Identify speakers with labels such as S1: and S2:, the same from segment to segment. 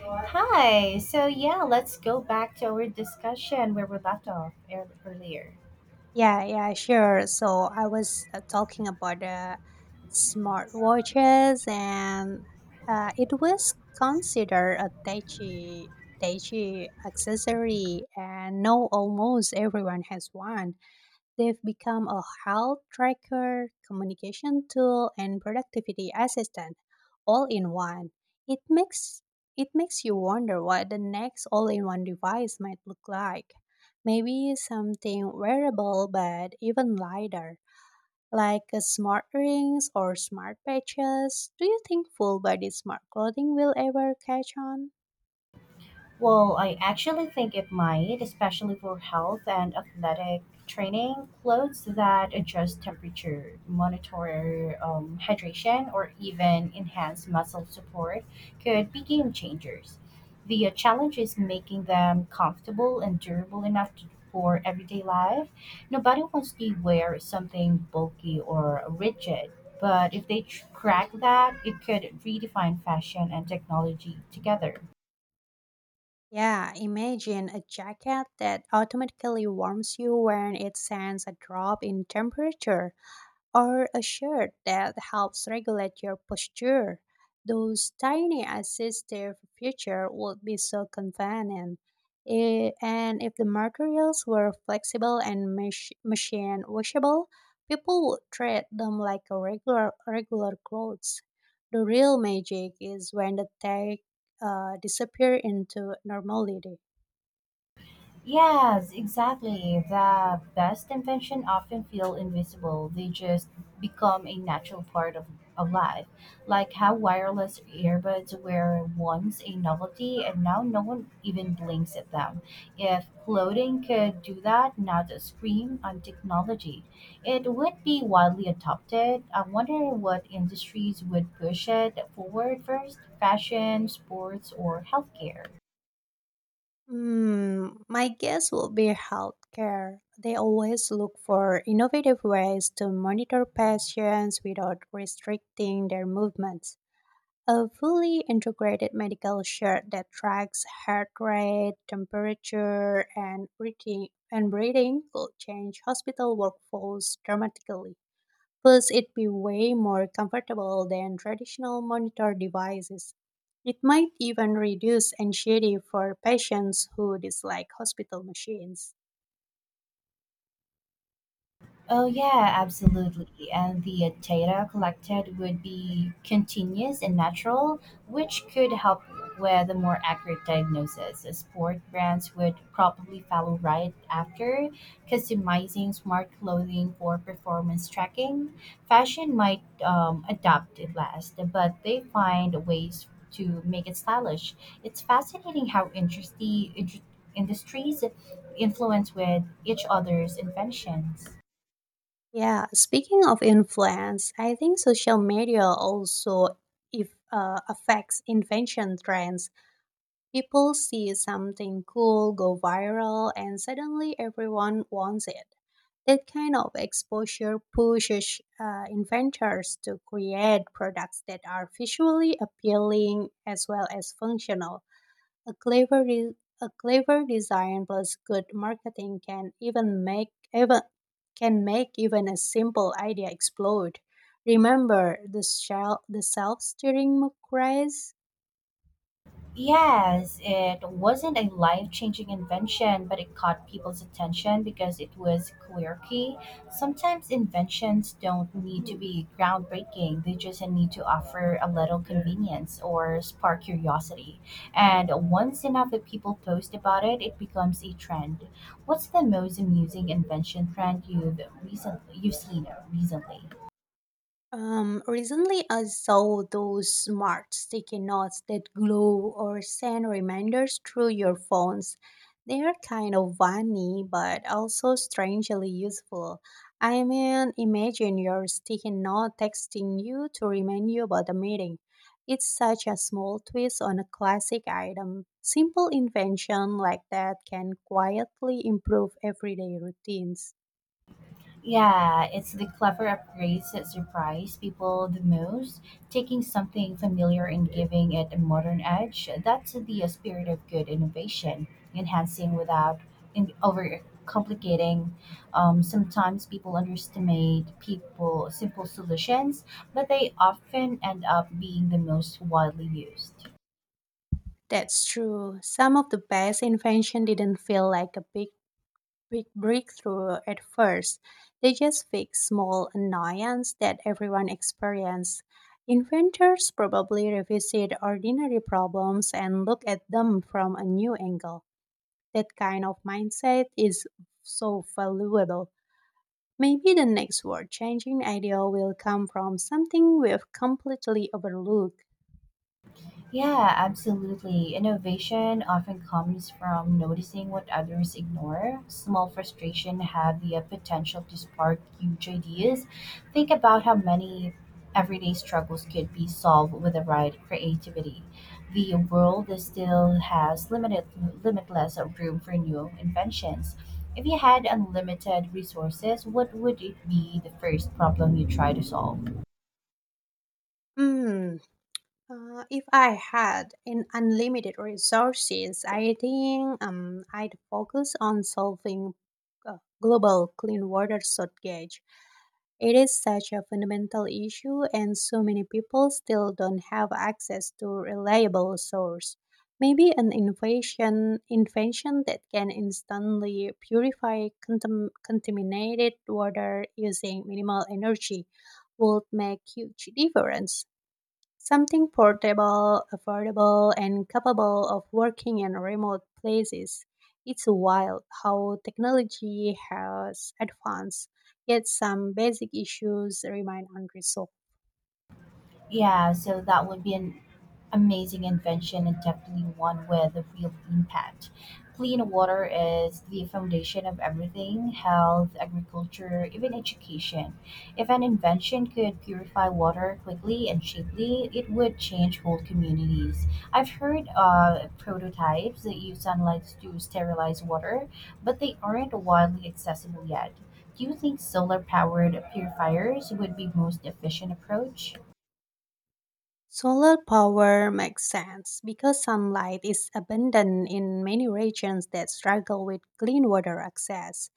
S1: Hi. So yeah, let's go back to our discussion where we left off earlier.
S2: Yeah, yeah, sure. So I was talking about smartwatches, and it was considered a touchy accessory, and now almost everyone has one. They've become a health tracker, communication tool, and productivity assistant all in one. It makes it makes you wonder what the next all-in-one device might look like. Maybe something wearable but even lighter, like a smart rings or smart patches. Do you think full body smart clothing will ever catch on?
S1: Well, I actually think it might, especially for health and athletic training. Clothes that adjust temperature, monitor hydration, or even enhance muscle support could be game changers. The challenge is making them comfortable and durable for everyday life. Nobody wants to wear something bulky or rigid, but if they crack that, it could redefine fashion and technology together.
S2: Yeah, imagine a jacket that automatically warms you when it sends a drop in temperature or a shirt that helps regulate your posture. Those tiny assistive features would be so convenient. And if the materials were flexible and machine washable, people would treat them like a regular clothes. The real magic is when the tech disappear into normality.
S1: Yes, exactly. The best invention often feel invisible. They just become a natural of life. Like how wireless earbuds were once a novelty and now no one even blinks at them. If clothing could do that, now the scream on technology. It would be widely adopted. I wonder what industries would push it forward first, fashion, sports, or healthcare.
S2: Hmm, my guess will be healthcare. They always look for innovative ways to monitor patients without restricting their movements. A fully integrated medical shirt that tracks heart rate, temperature, and breathing could change hospital workflows dramatically. Plus, it'd be way more comfortable than traditional monitor devices. It might even reduce anxiety for patients who dislike hospital machines.
S1: Oh, yeah, absolutely. And the data collected would be continuous and natural, which could help with a more accurate diagnosis. Sport brands would probably follow right after, customizing smart clothing for performance tracking. Fashion might adopt it last, but they find ways to make it stylish. It's fascinating how interesting industries influence with each other's inventions.
S2: Yeah, speaking of influence, I think social media also if, affects invention trends. People see something cool go viral and suddenly everyone wants it. That kind of exposure pushes inventors to create products that are visually appealing as well as functional. A clever, de- a clever design plus good marketing can make even a simple idea explode. Remember the shell, the self-steering craze?
S1: Yes, it wasn't a life changing invention, but it caught people's attention because it was quirky. Sometimes inventions don't need to be groundbreaking, they just need to offer a little convenience or spark curiosity. And once enough of people post about it, it becomes a trend. What's the most amusing invention trend you've seen recently?
S2: Recently, I saw those smart sticky notes that glow or send reminders through your phones. They are kind of funny, but also strangely useful. I mean, imagine your sticky note texting you to remind you about a meeting. It's such a small twist on a classic item. Simple invention like that can quietly improve everyday routines.
S1: Yeah, it's the clever upgrades that surprise people the most. Taking something familiar and giving it a modern edge, that's the spirit of good innovation, enhancing without in, over complicating. Sometimes people underestimate people simple solutions, but they often end up being the most widely used.
S2: That's true. Some of the best invention didn't feel like a big breakthrough at first. They just fixed small annoyance that everyone experienced. Inventors probably revisit ordinary problems and look at them from a new angle. That kind of mindset is so valuable. Maybe the next world changing idea will come from something we've completely overlooked.
S1: Yeah, absolutely. Innovation often comes from noticing what others ignore. Small frustration have the potential to spark huge ideas. Think about how many everyday struggles could be solved with the right creativity. The world is still has limited limitless room for new inventions. If you had unlimited resources, what would it be the first problem you try to solve?
S2: Hmm, if I had an unlimited resources, I think I'd focus on solving uh, global clean water shortage. It is such a fundamental issue, and so many people still don't have access to reliable source. Maybe an innovation invention that can instantly purify contaminated water using minimal energy would make huge difference. Something portable, affordable, and capable of working in remote places. It's wild how technology has advanced, yet some basic issues remain unresolved.
S1: Yeah, so that would be an amazing invention and definitely one with a real impact. Clean water is the foundation of everything health, agriculture, even education. If an invention could purify water quickly and cheaply, it would change whole communities. I've heard prototypes that use sunlight to sterilize water, but they aren't widely accessible yet. Do you think solar powered purifiers would be most efficient approach?
S2: Solar power makes sense because sunlight is abundant in many regions that struggle with clean water access.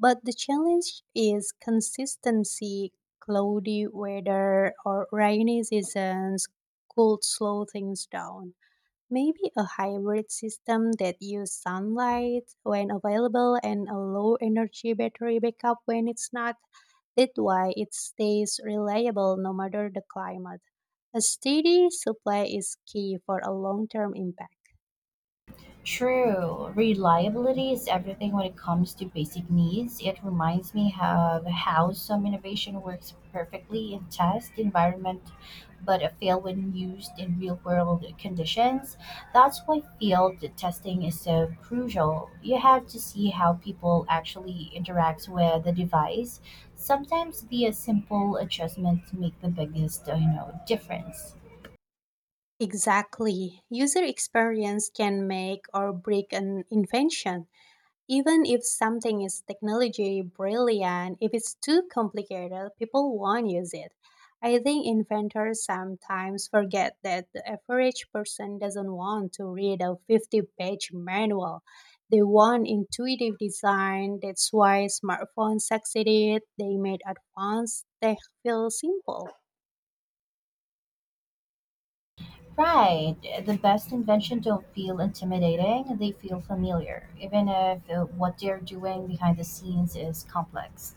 S2: But the challenge is consistency, cloudy weather or rainy seasons could slow things down. Maybe a hybrid system that uses sunlight when available and a low energy battery backup when it's not. That way it stays reliable no matter the climate. A steady supply is key for a long term impact.
S1: True. Reliability is everything when it comes to basic needs. It reminds me of how some innovation works perfectly in test environment but fail when used in real world conditions. That's why field testing is so crucial. You have to see how people actually interact with the device. Sometimes the simple adjustments make the biggest, difference.
S2: Exactly. User experience can make or break an invention. Even if something is technology brilliant, if it's too complicated, people won't use it. I think inventors sometimes forget that the average person doesn't want to read a 50-page manual. They want intuitive design. That's why smartphones succeeded. They made advanced tech feel simple.
S1: Right. The best invention don't feel intimidating, they feel familiar, even if what they're doing behind the scenes is complex.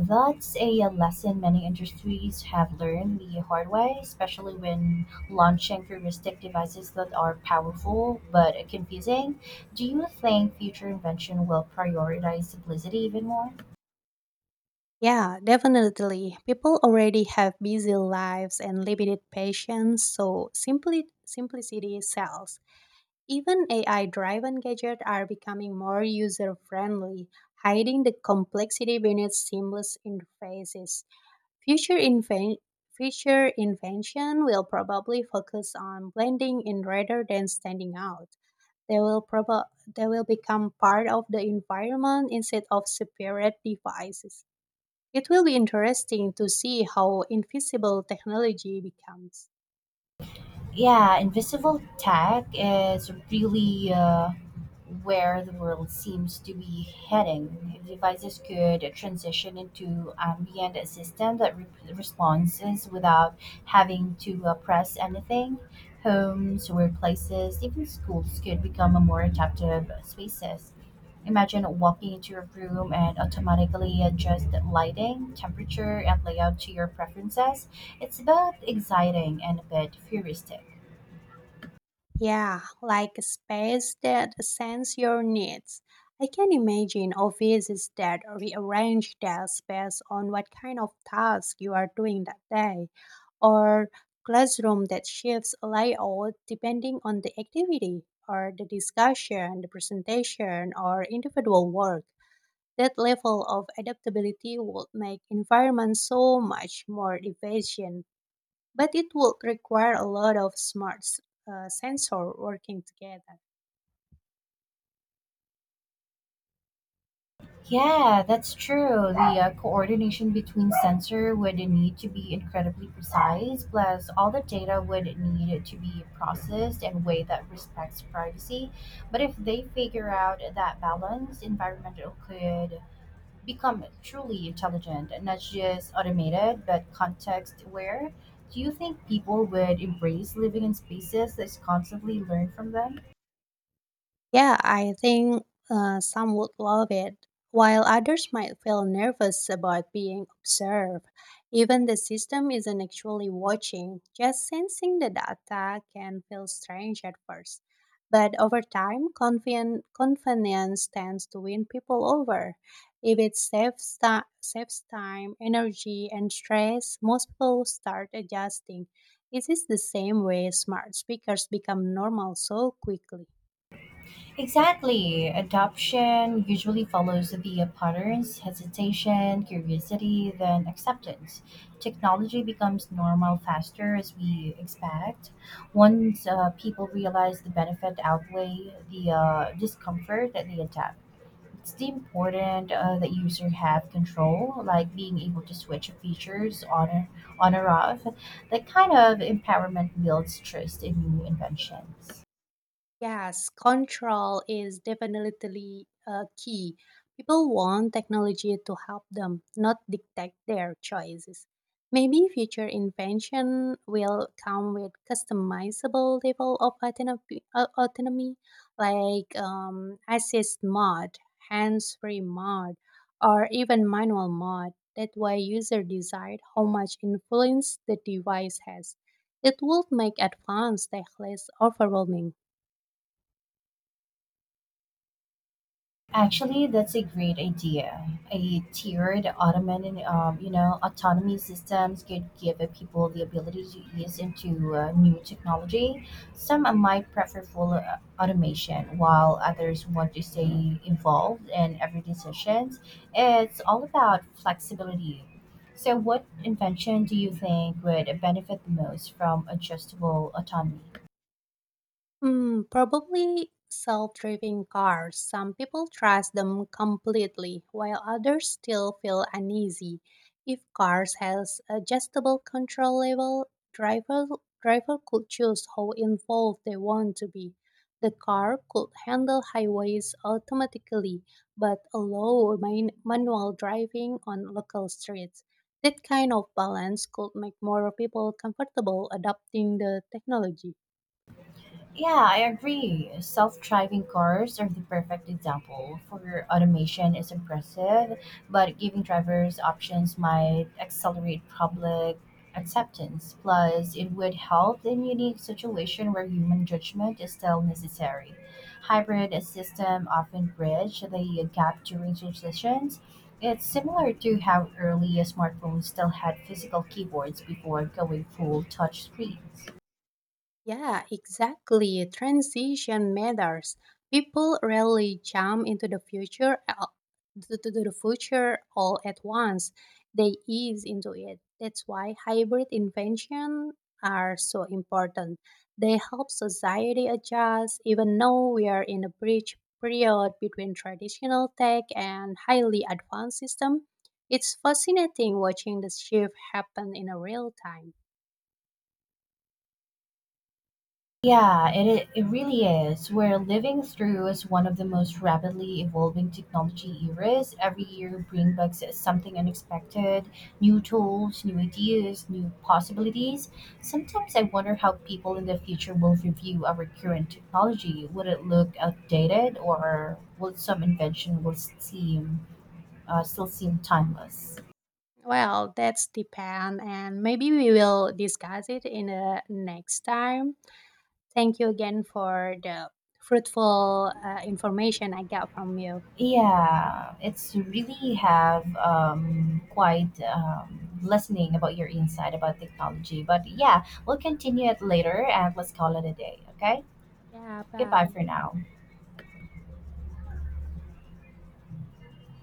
S1: That's a lesson many industries have learned the hard way, especially when launching futuristic devices that are powerful but confusing. Do you think future invention will prioritize simplicity even more?
S2: Yeah, definitely. People already have busy lives and limited patience, so simply simplicity sells. Even AI driven gadgets are becoming more user friendly, hiding the complexity beneath seamless interfaces. Future, inven- Future invention will probably focus on blending in rather than standing out. They will, proba- they will become part of the environment instead of separate devices. It will be interesting to see how invisible technology becomes.
S1: Yeah, invisible tech is really where the world seems to be heading. If devices could transition into ambient system that responses without having to press anything, homes, workplaces, even schools could become a more adaptive spaces. Imagine walking into a room and automatically adjust lighting, temperature, and layout to your preferences, it's both exciting and a bit futuristic.
S2: Yeah, like a space that sends your needs. I can imagine offices that rearrange their space on what kind of task you are doing that day, or classroom that shifts layout depending on the activity, or the discussion, the presentation, or individual work. That level of adaptability would make environments so much more efficient but it would require a lot of sensor working together.
S1: Yeah, that's true. The coordination between sensor would need to be incredibly precise, plus all the data would need to be processed in a way that respects privacy. But if they figure out that balance, environmental could become truly intelligent, not just automated, but context aware. Do you think people would embrace living in spaces that constantly learn from them?
S2: Yeah, I think some would love it, while others might feel nervous about being observed. Even the system isn't actually watching, just sensing the data can feel strange at first. But over time, convenience tends to win people over. If it saves time, energy, and stress, most people start adjusting. This is the same way smart speakers become normal so quickly.
S1: Exactly. Adoption usually follows the patterns hesitation, curiosity, then acceptance. Technology becomes normal faster as we expect. Once people realize the benefit outweigh the discomfort, that they adapt. It's the important that user have control, like being able to switch features on or off. That kind of empowerment builds trust in new inventions.
S2: Yes, control is definitely key. People want technology to help them, not dictate their choices. Maybe future invention will come with customizable level of autonomy like assist mode, hands-free mode, or even manual mode. That way, user decide how much influence the device has. It would make advanced tech less overwhelming.
S1: Actually, that's a great idea. A tiered Ottoman, autonomy systems could give people the ability to ease into new technology. Some might prefer full automation, while others want to stay involved in every decision. It's all about flexibility. So, what invention do you think would benefit the most from adjustable autonomy?
S2: Hmm, probably self-driving cars. Some people trust them completely, while others still feel uneasy. If cars has adjustable control level, driver could choose how involved they want to be. The car could handle highways automatically, but allow manual driving on local streets. That kind of balance could make more people comfortable adopting the technology.
S1: Yeah, I agree. Self driving cars are the perfect example for automation is impressive, but giving drivers options might accelerate public acceptance. Plus, it would help in unique situation where human judgment is still necessary. Hybrid system often bridge the gap during transitions. It's similar to how early smartphones still had physical keyboards before going full touch screens.
S2: Yeah, exactly. Transition matters. People rarely jump into the to the future all at once. They ease into it. That's why hybrid invention are so important. They help society adjust, even though we are in a bridge period between traditional tech and highly advanced system. It's fascinating watching the shift happen in a real time.
S1: Yeah, it really is. We're living through is one of the most rapidly evolving technology eras. Every year brings back something unexpected, new tools, new ideas, new possibilities. Sometimes I wonder how people in the future will review our current technology. Would it look outdated, or will some invention will seem still seem timeless?
S2: Well, that's depend, and maybe we will discuss it in the next time. Thank you again for the fruitful information I got from you.
S1: Yeah, it's really have quite listening about your insight about technology. But yeah, we'll continue it later and let's call it a day. Okay,
S2: Yeah,
S1: goodbye
S2: bye.
S1: for now.